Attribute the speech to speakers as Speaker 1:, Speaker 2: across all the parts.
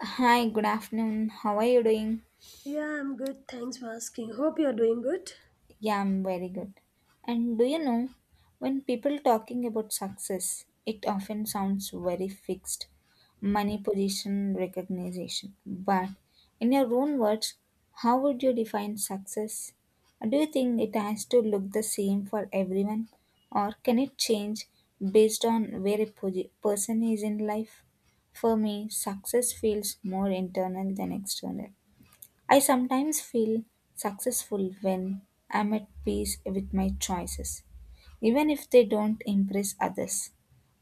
Speaker 1: Hi, good afternoon. How are you doing?
Speaker 2: Yeah, I'm good. Thanks for asking. Hope you're doing good.
Speaker 1: Yeah, I'm very good. And do you know, when people talking about success, it often sounds very fixed. Money, position, recognition. But in your own words, how would you define success? Do you think it has to look the same for everyone, or can it change based on where a person is in life? For me, success feels more internal than external. I sometimes feel successful when I'm at peace with my choices, even if they don't impress others.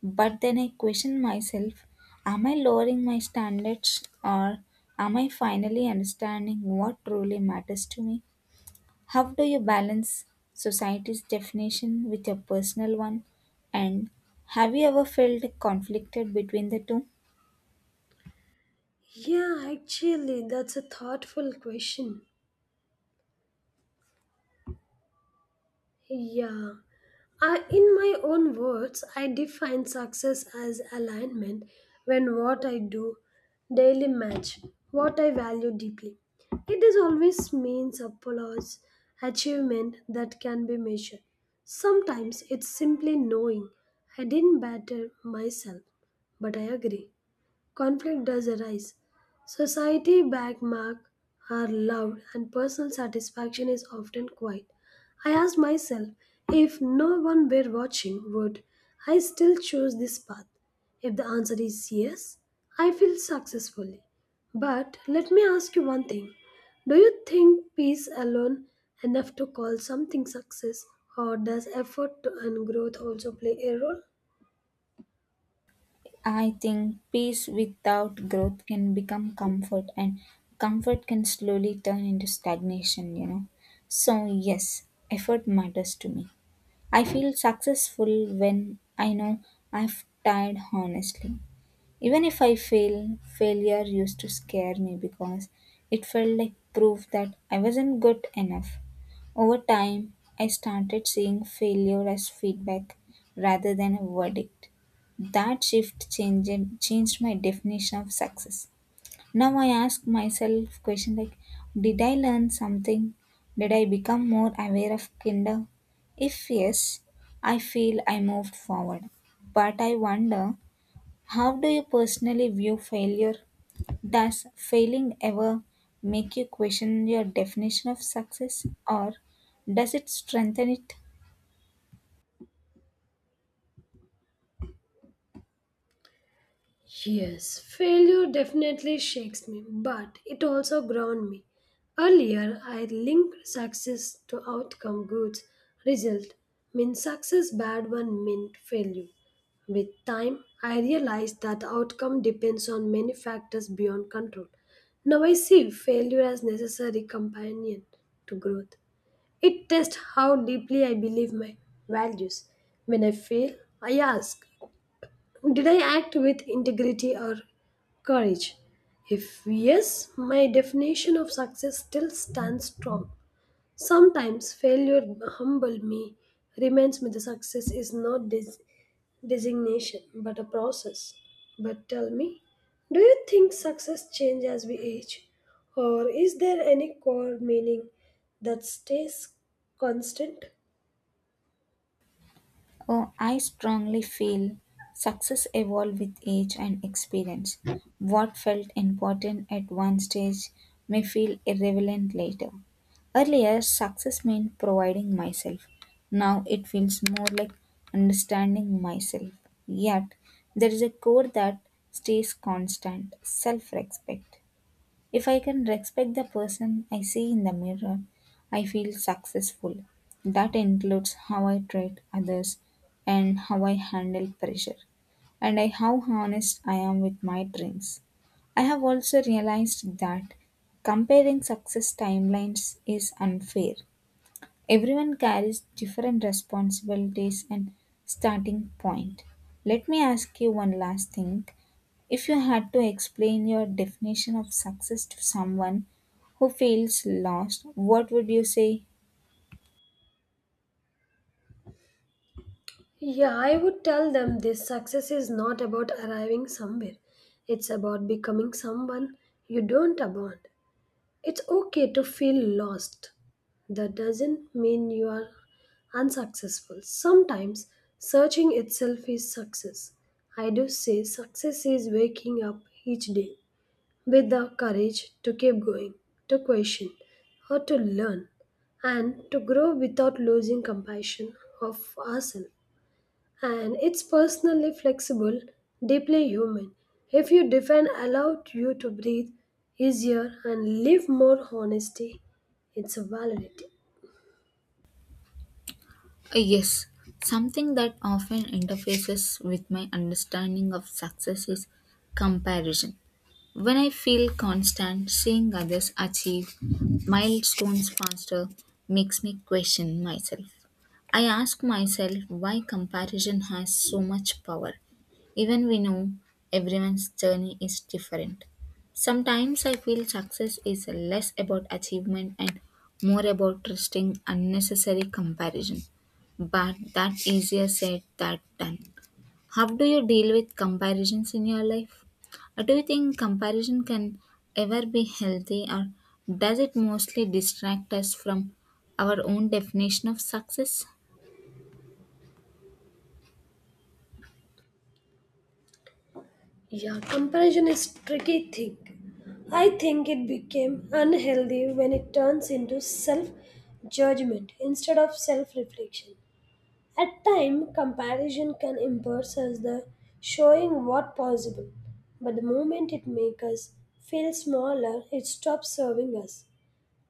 Speaker 1: But then I question myself, am I lowering my standards or am I finally understanding what truly matters to me? How do you balance society's definition with your personal one? And have you ever felt conflicted between the two?
Speaker 2: Yeah, actually, that's a thoughtful question. Yeah. I, in my own words, I define success as alignment when what I do daily match what I value deeply. It is always means applause, achievement that can be measured. Sometimes it's simply knowing I didn't better myself, but I agree. Conflict does arise. Society backmark are loud and personal satisfaction is often quiet. I asked myself, if no one were watching, would I still choose this path? If the answer is yes, I feel successfully. But let me ask you one thing. Do you think peace alone enough to call something success, or does effort and growth also play a role?
Speaker 1: I think peace without growth can become comfort, and comfort can slowly turn into stagnation. So, yes, effort matters to me. I feel successful when I know I've tried honestly. Even if I fail, failure used to scare me because it felt like proof that I wasn't good enough. Over time, I started seeing failure as feedback rather than a verdict. That shift changed my definition of success. Now I ask myself question like, did I learn something? Did I become more aware of kinder? If yes, I feel I moved forward. But I wonder, how do you personally view failure? Does failing ever make you question your definition of success, or does it strengthen it?
Speaker 2: Yes, failure definitely shakes me, but it also ground me. Earlier, I linked success to outcome goods. Result mean success bad one meant failure. With time, I realized that the outcome depends on many factors beyond control. Now I see failure as necessary companion to growth. It tests how deeply I believe my values. When I fail, I ask, did I act with integrity or courage? If yes, my definition of success still stands strong. Sometimes failure humbled me, reminds me the success is not designation but a process. But tell me, do you think success changes as we age, or is there any core meaning that stays constant?
Speaker 1: Oh, I strongly feel success evolves with age and experience. What felt important at one stage may feel irrelevant later. Earlier, success meant providing myself. Now it feels more like understanding myself. Yet, there is a core that stays constant self respect. If I can respect the person I see in the mirror, I feel successful. That includes how I treat others and how I handle pressure, how honest I am with my dreams. I have also realized that comparing success timelines is unfair. Everyone carries different responsibilities and starting point. Let me ask you one last thing. If you had to explain your definition of success to someone who feels lost, what would you say?
Speaker 2: Yeah, I would tell them this success is not about arriving somewhere. It's about becoming someone you don't abandon. It's okay to feel lost. That doesn't mean you are unsuccessful. Sometimes searching itself is success. I do say success is waking up each day with the courage to keep going, to question, or to learn, and to grow without losing compassion of ourselves. And it's personally flexible, deeply human. If you define allowed you to breathe easier and live more honesty, it's a validity.
Speaker 1: Yes, something that often interfaces with my understanding of success is comparison. When I feel constant seeing others achieve milestones faster makes me question myself. I ask myself why comparison has so much power, even we know everyone's journey is different. Sometimes I feel success is less about achievement and more about trusting unnecessary comparison, but that easier said than done. How do you deal with comparisons in your life? Do you think comparison can ever be healthy, or does it mostly distract us from our own definition of success?
Speaker 2: Yeah, comparison is tricky thing. I think it became unhealthy when it turns into self judgment instead of self reflection. At time, comparison can embarrass us the showing what possible, but the moment it makes us feel smaller, it stops serving us.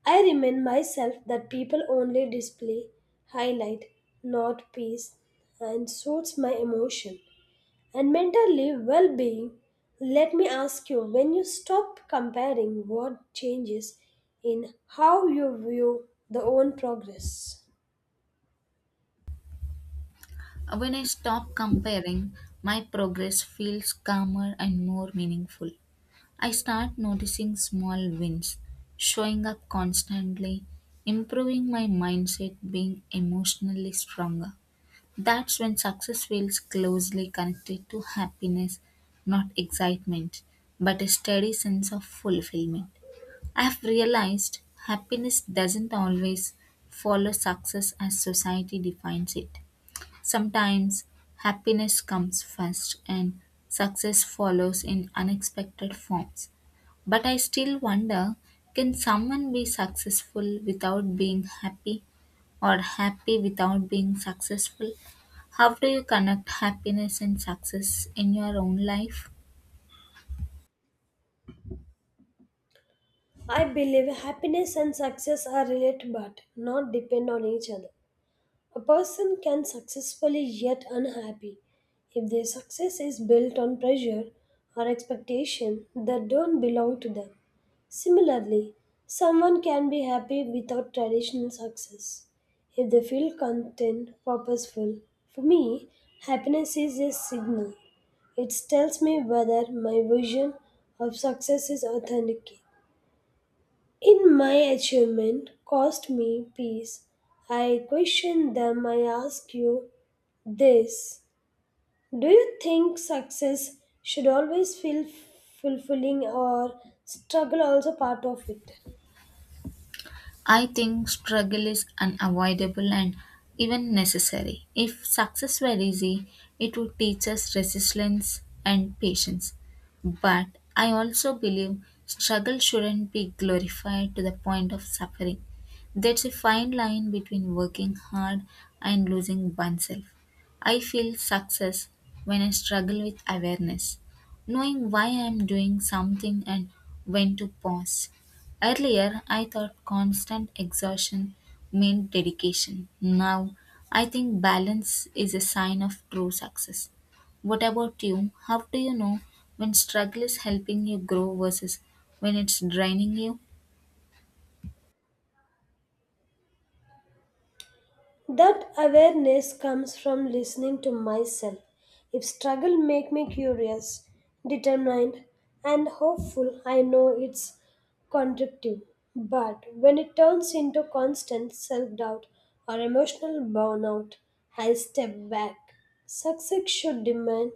Speaker 2: I remind myself that people only display highlight, not peace, and suits my emotion and mentally well-being. Let me ask you: when you stop comparing, what changes in how you view the own progress?
Speaker 1: When I stop comparing, my progress feels calmer and more meaningful. I start noticing small wins, showing up constantly, improving my mindset, being emotionally stronger. That's when success feels closely connected to happiness, not excitement, but a steady sense of fulfillment. I've realized happiness doesn't always follow success as society defines it. Sometimes happiness comes first and success follows in unexpected forms. But I still wonder, can someone be successful without being happy, or happy without being successful? How do you connect happiness and success in your own life?
Speaker 2: I believe happiness and success are related but not depend on each other. A person can successfully yet unhappy if their success is built on pressure or expectation that don't belong to them. Similarly, someone can be happy without traditional success if they feel content, purposeful. For me, happiness is a signal. It tells me whether my vision of success is authentic in my achievement cost me peace. I question them. I ask you this: do you think success should always feel fulfilling or struggle also part of it?
Speaker 1: I think struggle is unavoidable and even necessary. If success were easy, it would teach us resilience and patience. But I also believe struggle shouldn't be glorified to the point of suffering. There's a fine line between working hard and losing oneself. I feel success when I struggle with awareness, knowing why I am doing something and when to pause. Earlier, I thought constant exhaustion meant dedication. Now, I think balance is a sign of true success. What about you? How do you know when struggle is helping you grow versus when it's draining you?
Speaker 2: That awareness comes from listening to myself. If struggle make me curious, determined, and hopeful, I know it's contradictive. But when it turns into constant self-doubt or emotional burnout, I step back. Success should demand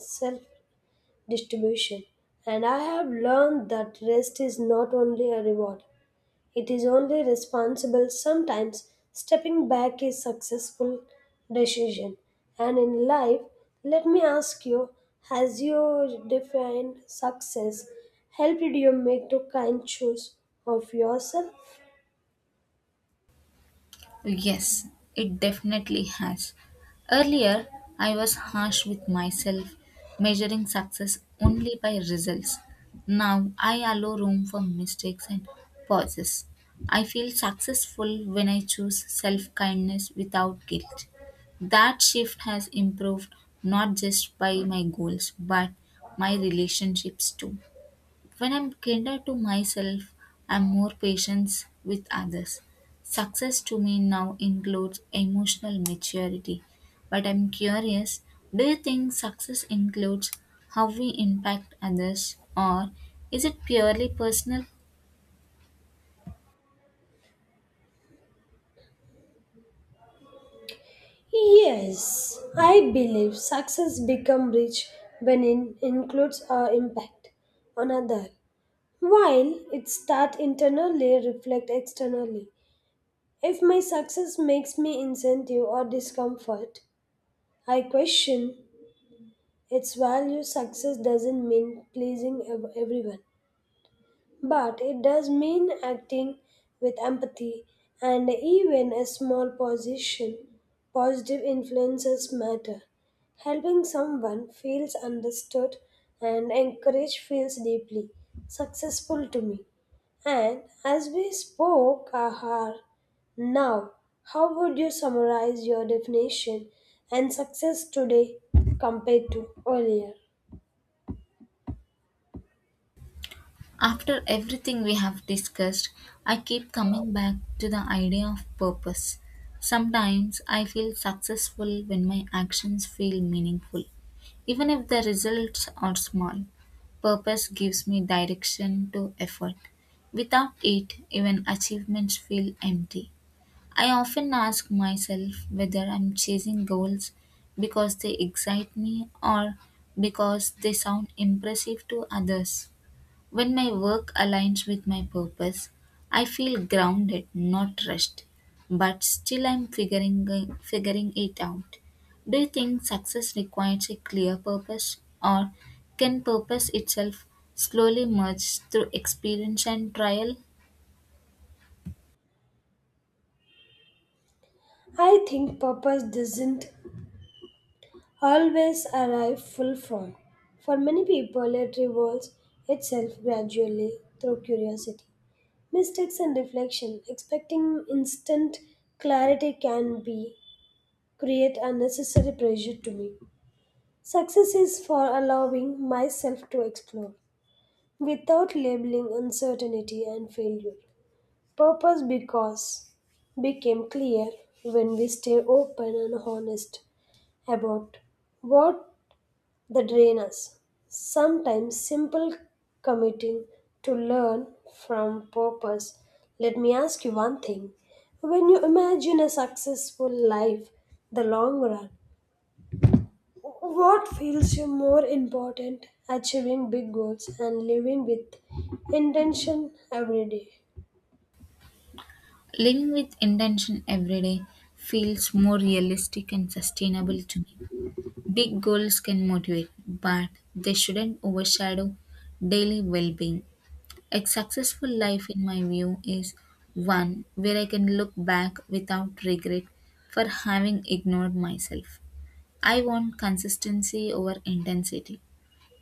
Speaker 2: self-distribution, and I have learned that rest is not only a reward, it is only responsible sometimes stepping back is successful decision. And in life, let me ask you, has your defined success helped you make the kind choice of yourself?
Speaker 1: Yes, it definitely has. Earlier, I was harsh with myself, measuring success only by results. Now, I allow room for mistakes and pauses. I feel successful when I choose self kindness without guilt. That shift has improved not just by my goals but my relationships too. When I'm kinder to myself, I'm more patient with others. Success to me now includes emotional maturity. But I'm curious, do you think success includes how we impact others, or is it purely personal?
Speaker 2: Yes, I believe success become rich when it includes our impact on other, while it start internally reflect externally. If my success makes me incentive or discomfort, I question its value. Success doesn't mean pleasing everyone. But it does mean acting with empathy, and even a small positive influences matter. Helping someone feels understood and encouraged feels deeply successful to me. And as we spoke, Ahar, now how would you summarize your definition and success today compared to earlier?
Speaker 1: After everything we have discussed, I keep coming back to the idea of purpose. Sometimes I feel successful when my actions feel meaningful, even if the results are small. Purpose gives me direction to effort. Without it, even achievements feel empty. I often ask myself whether I'm chasing goals because they excite me or because they sound impressive to others. When my work aligns with my purpose, I feel grounded, not rushed, but still I'm figuring it out. Do you think success requires a clear purpose, or can purpose itself slowly merge through experience and trial?
Speaker 2: I think purpose doesn't always arrive full form. For many people, it revolves itself gradually through curiosity, mistakes, and reflection. Expecting instant clarity can be create unnecessary pressure to me. Success is for allowing myself to explore without labeling uncertainty and failure. Purpose because became clear when we stay open and honest about what the drain us. Sometimes simple committing to learn from purpose. Let me ask you one thing. When you imagine a successful life, the long run, what feels you more important? Achieving big goals and living with intention every day.
Speaker 1: Living with intention every day feels more realistic and sustainable to me. Big goals can motivate, but they shouldn't overshadow daily well being. A successful life, in my view, is one where I can look back without regret for having ignored myself. I want consistency over intensity.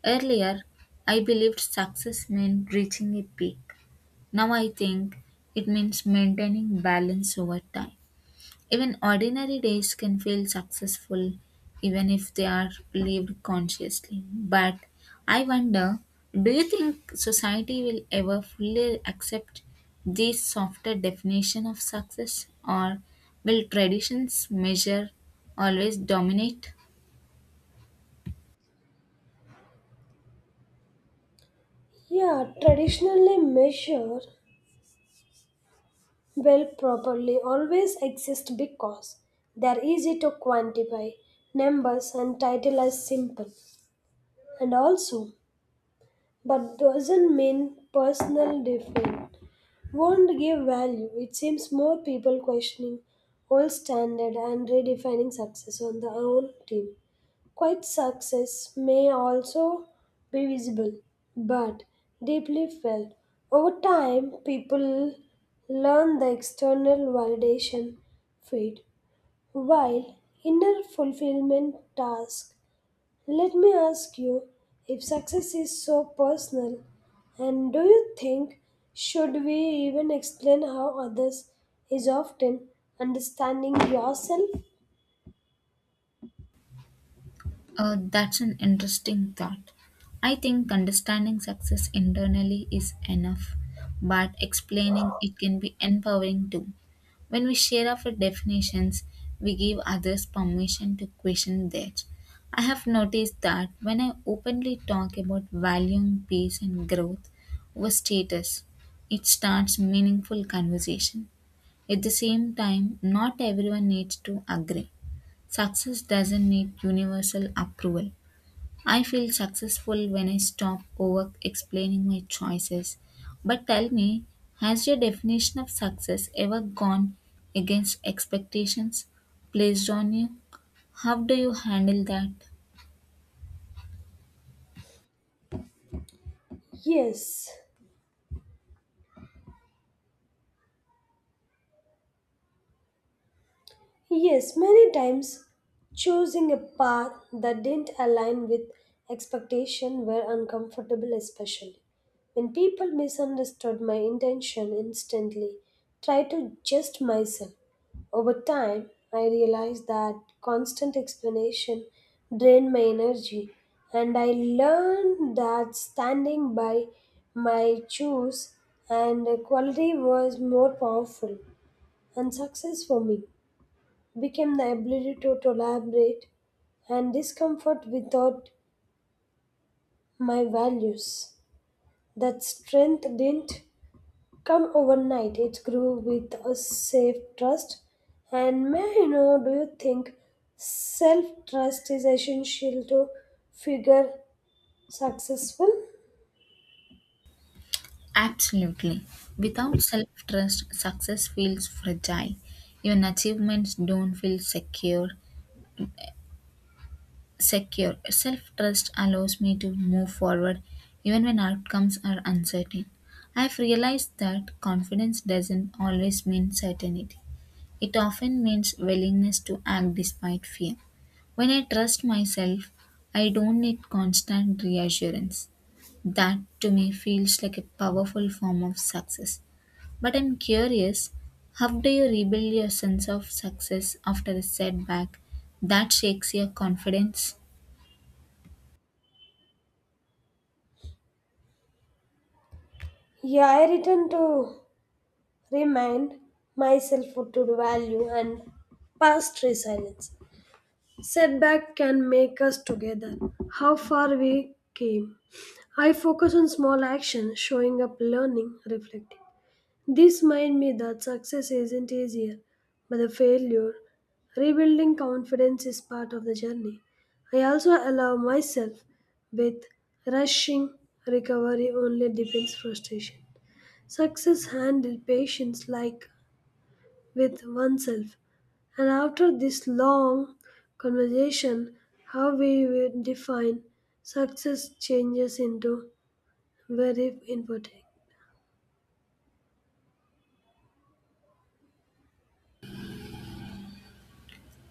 Speaker 1: Earlier, I believed success meant reaching a peak. Now I think it means maintaining balance over time. Even ordinary days can feel successful even if they are lived consciously. But I wonder, do you think society will ever fully accept this softer definition of success, or will traditions measure always dominate?
Speaker 2: Yeah, traditionally measure well properly always exist because they are easy to quantify. Numbers and title are simple. And also, but doesn't mean personal different. Won't give value. It seems more people questioning old standard and redefining success on their own team. Quite success may also be visible, but deeply felt. Over time, people learn the external validation fade, while inner fulfillment task, let me ask you, if success is so personal, and do you think should we even explain how others is often understanding yourself?
Speaker 1: That's an interesting thought. I think understanding success internally is enough, but explaining it can be empowering too. When we share our definitions, we give others permission to question theirs. I have noticed that when I openly talk about valuing peace and growth over status, it starts meaningful conversation. At the same time, not everyone needs to agree. Success doesn't need universal approval. I feel successful when I stop over explaining my choices. But tell me, has your definition of success ever gone against expectations placed on you? How do you handle that?
Speaker 2: Yes, yes, many times choosing a path that didn't align with expectation were uncomfortable, especially when people misunderstood my intention instantly tried to just myself over time. I realized that constant explanation drained my energy, and I learned that standing by my choice and quality was more powerful, and success for me became the ability to tolerate and discomfort without my values. That strength didn't come overnight. It grew with a safe trust. And may I know, do you think self trust is essential to figure successful?
Speaker 1: Absolutely. Without self trust, success feels fragile. Your achievements don't feel secure. Self trust allows me to move forward even when outcomes are uncertain. I've realized that confidence doesn't always mean certainty, it often means willingness to act despite fear. When I trust myself, I don't need constant reassurance. That to me feels like a powerful form of success. But I'm curious, how do you rebuild your sense of success after a setback that shakes your confidence?
Speaker 2: Yeah, I return to remind myself what to value and past resilience. Setback can make us together. How far we came. I focus on small actions, showing up, learning, reflecting. This reminds me that success isn't easier, but the failure, rebuilding confidence is part of the journey. I also allow myself with rushing recovery only deepens frustration. Success handled patience like with oneself. And after this long conversation, how we will define success changes into very important.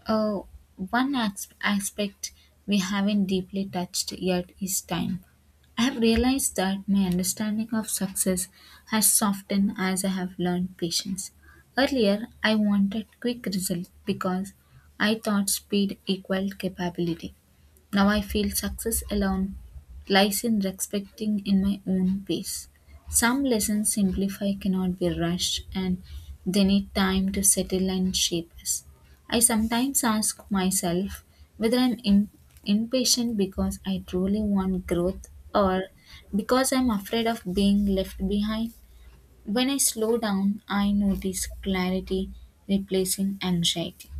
Speaker 1: Oh, one aspect we haven't deeply touched yet is time. I have realized that my understanding of success has softened as I have learned patience. Earlier, I wanted quick results because I thought speed equaled capability. Now I feel success alone lies in respecting in my own pace. Some lessons simplify cannot be rushed and they need time to settle and shape us. I sometimes ask myself whether impatient because I truly want growth or because I'm afraid of being left behind. When I slow down, I notice clarity replacing anxiety.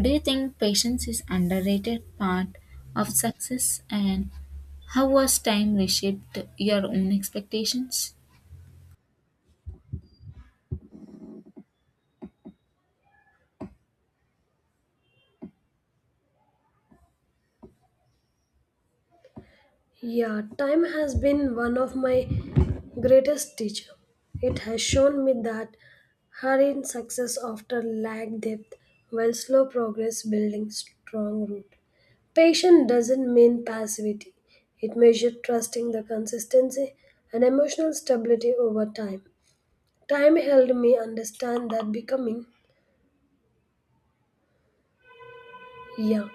Speaker 1: Do you think patience is underrated part of success, and how was time reshaped your own expectations?
Speaker 2: Yeah, time has been one of my greatest teacher. It has shown me that hurried success often lack depth, while slow progress building strong root. Patience doesn't mean passivity. It measures trusting the consistency and emotional stability over time. Time helped me understand that becoming young.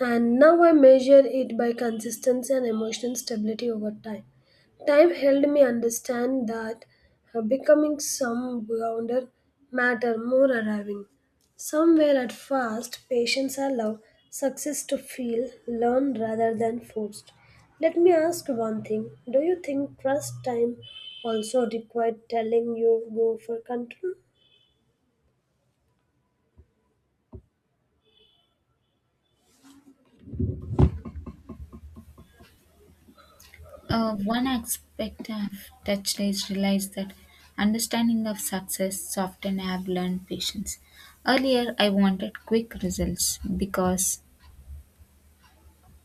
Speaker 2: And now I measure it by consistency and emotional stability over time. Time helped me understand that becoming some grounded matter more arriving. Somewhere at first, patience allow success to feel learned rather than forced. Let me ask one thing. Do you think trust time also required telling you go for control?
Speaker 1: One aspect I've touched is realized that understanding of success often I have learned patience. Earlier, I wanted quick results because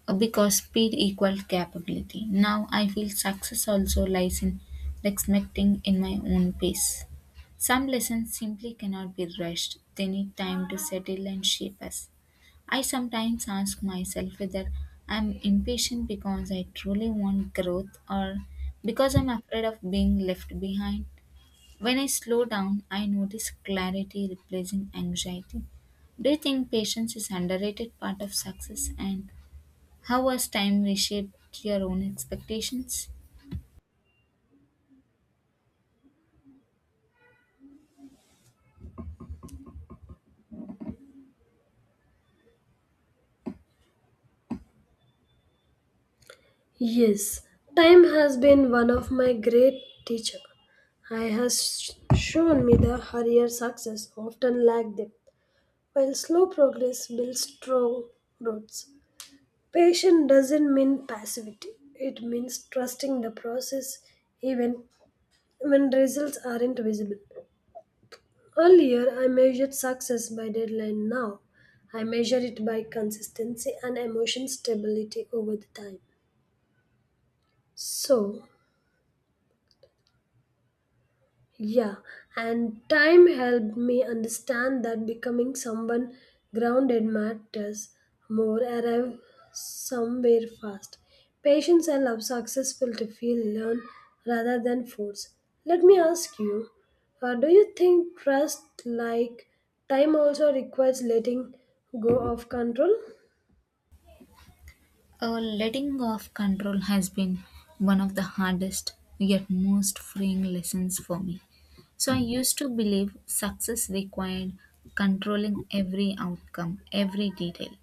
Speaker 1: because speed equals capability. Now I feel success also lies in respecting in my own pace. Some lessons simply cannot be rushed. They need time to settle and shape us. I sometimes ask myself whether I'm impatient because I truly want growth or because I'm afraid of being left behind. When I slow down, I notice clarity replacing anxiety. Do you think patience is underrated part of success, and how has time reshaped your own expectations?
Speaker 2: Yes, time has been one of my great teacher. I has shown me the hurrier success often lack depth, while slow progress builds strong roots. Patience doesn't mean passivity; it means trusting the process even when results aren't visible. Earlier, I measured success by deadline. Now, I measure it by consistency and emotion stability over the time. So, yeah, and time helped me understand that becoming someone grounded matters more. Arrive somewhere fast. Patience allows successful to feel learn rather than force. Let me ask you, do you think trust like time also requires letting go of control?
Speaker 1: Letting go of control has been one of the hardest yet most freeing lessons for me. So I used to believe success required controlling every outcome, every detail.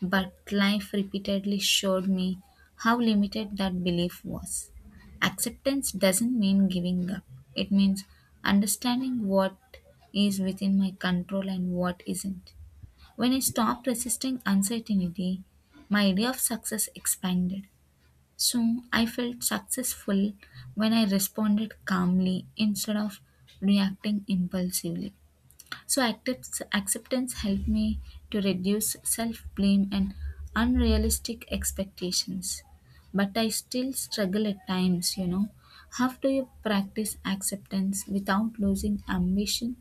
Speaker 1: But life repeatedly showed me how limited that belief was. Acceptance doesn't mean giving up, it means understanding what is within my control and what isn't. When I stopped resisting uncertainty, my idea of success expanded. So I felt successful when I responded calmly instead of reacting impulsively. So acceptance helped me to reduce self blame and unrealistic expectations. But I still struggle at times. How do you practice acceptance without losing ambition?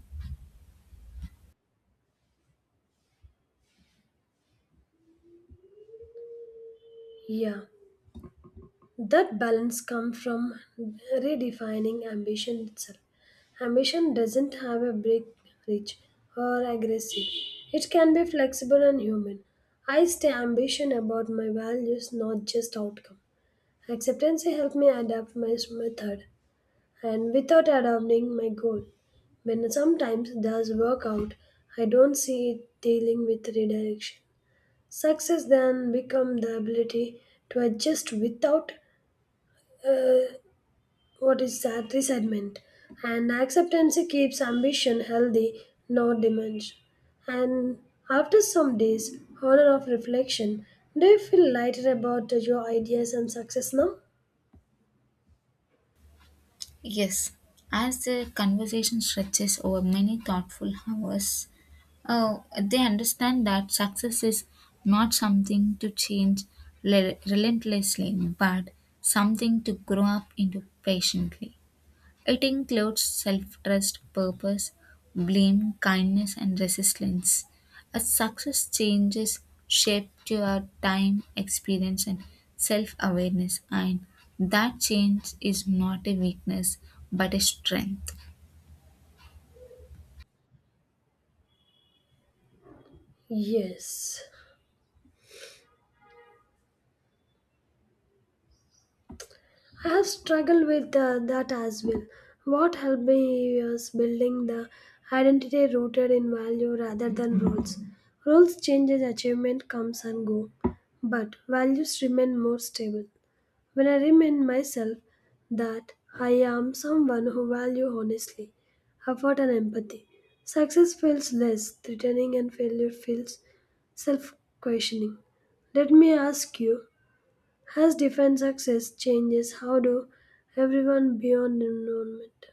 Speaker 2: Yeah. That balance comes from redefining ambition itself. Ambition doesn't have a break rich or aggressive. It can be flexible and human. I stay ambition about my values, not just outcome. Acceptance helps me adapt my method and without adopting my goal. When sometimes does work out, I don't see it dealing with redirection. Success then become the ability to adjust without uh, what is that resentment? And acceptance keeps ambition healthy, not diminished. And after some days, honor of reflection, do you feel lighter about your ideas and success now?
Speaker 1: Yes, as the conversation stretches over many thoughtful hours, they understand that success is not something to change relentlessly, but something to grow up into patiently. It includes self trust, purpose, blame, kindness, and resistance. A success changes shape to our time, experience, and self awareness, and that change is not a weakness but a strength.
Speaker 2: Yes, I have struggled with that as well. What helped me was building the identity rooted in value rather than roles. Roles change as achievement comes and go, but values remain more stable. When I remind myself that I am someone who value honestly, effort and empathy, success feels less threatening and failure feels self-questioning. Let me ask you, has defined success changes how do everyone beyond environment?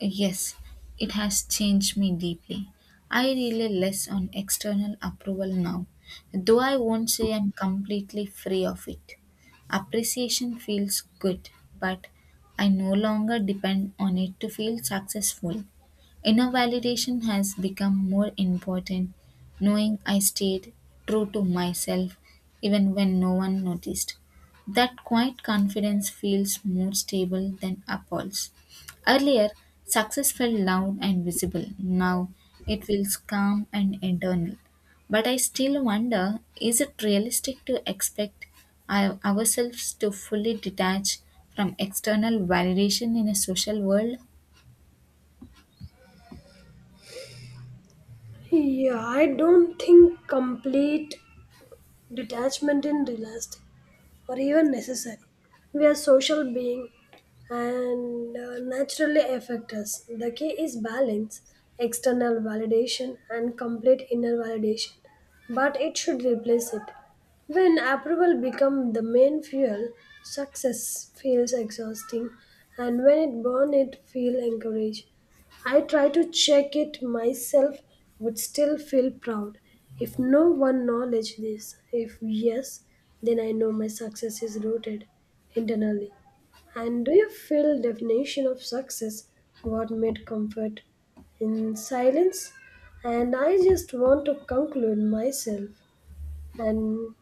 Speaker 1: Yes, it has changed me deeply. I rely less on external approval now, though I won't say I'm completely free of it. Appreciation feels good, but I no longer depend on it to feel successful. Inner validation has become more important, knowing I stayed true to myself even when no one noticed. That quiet confidence feels more stable than applause. Earlier, success felt loud and visible. Now, it feels calm and internal. But I still wonder, is it realistic to expect ourselves to fully detach from external validation in a social world?
Speaker 2: Yeah, I don't think complete detachment is realistic, or even necessary. We are social beings and naturally affect us. The key is balance, external validation, and complete inner validation, but it should replace it. When approval becomes the main fuel, success feels exhausting, and when it burns, it feels encouraged. I try to check it myself, would still feel proud. If no one knowledge this, if yes, then I know my success is rooted internally. And do you feel definition of success what made comfort in silence? And I just want to conclude myself, and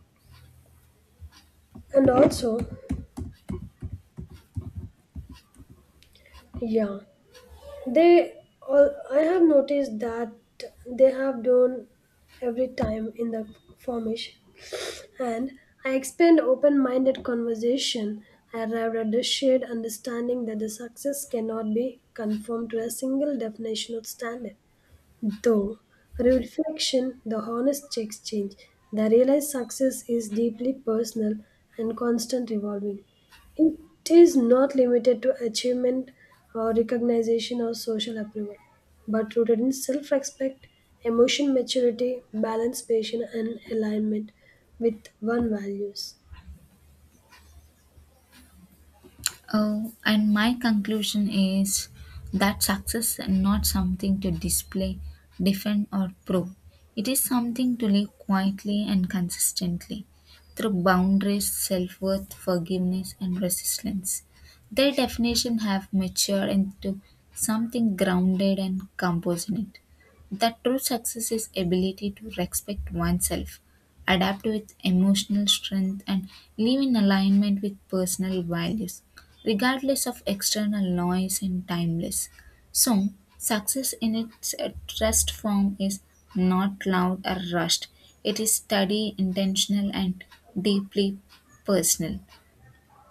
Speaker 2: and also yeah, they, all, I have noticed that they have done every time in the formation, and I expand open-minded conversation. I arrived at the shared understanding that the success cannot be conformed to a single definition of standard. Though reflection, the honest exchange, the realized success is deeply personal and constant evolving. It is not limited to achievement or recognition or social approval, but rooted in self respect, emotion maturity, balance, patience, and alignment with one values.
Speaker 1: Oh, and my conclusion is that success is not something to display, defend, or prove. It is something to live quietly and consistently through boundaries, self worth, forgiveness, and resistance. Their definition have matured into something grounded and composite. That true success is ability to respect oneself, adapt with emotional strength, and live in alignment with personal values regardless of external noise and timeless. So, success in its truest form is not loud or rushed, it is steady, intentional, and deeply personal.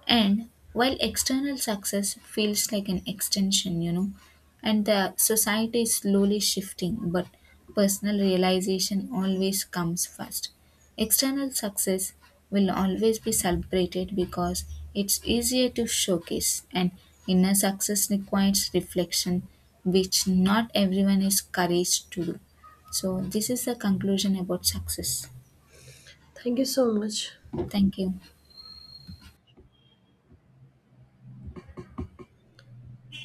Speaker 1: And while external success feels like an extension, and the society is slowly shifting, but personal realization always comes first. External success will always be celebrated because it's easier to showcase, and inner success requires reflection, which not everyone is courage to do. So, this is the conclusion about success.
Speaker 2: Thank you so much.
Speaker 1: Thank you.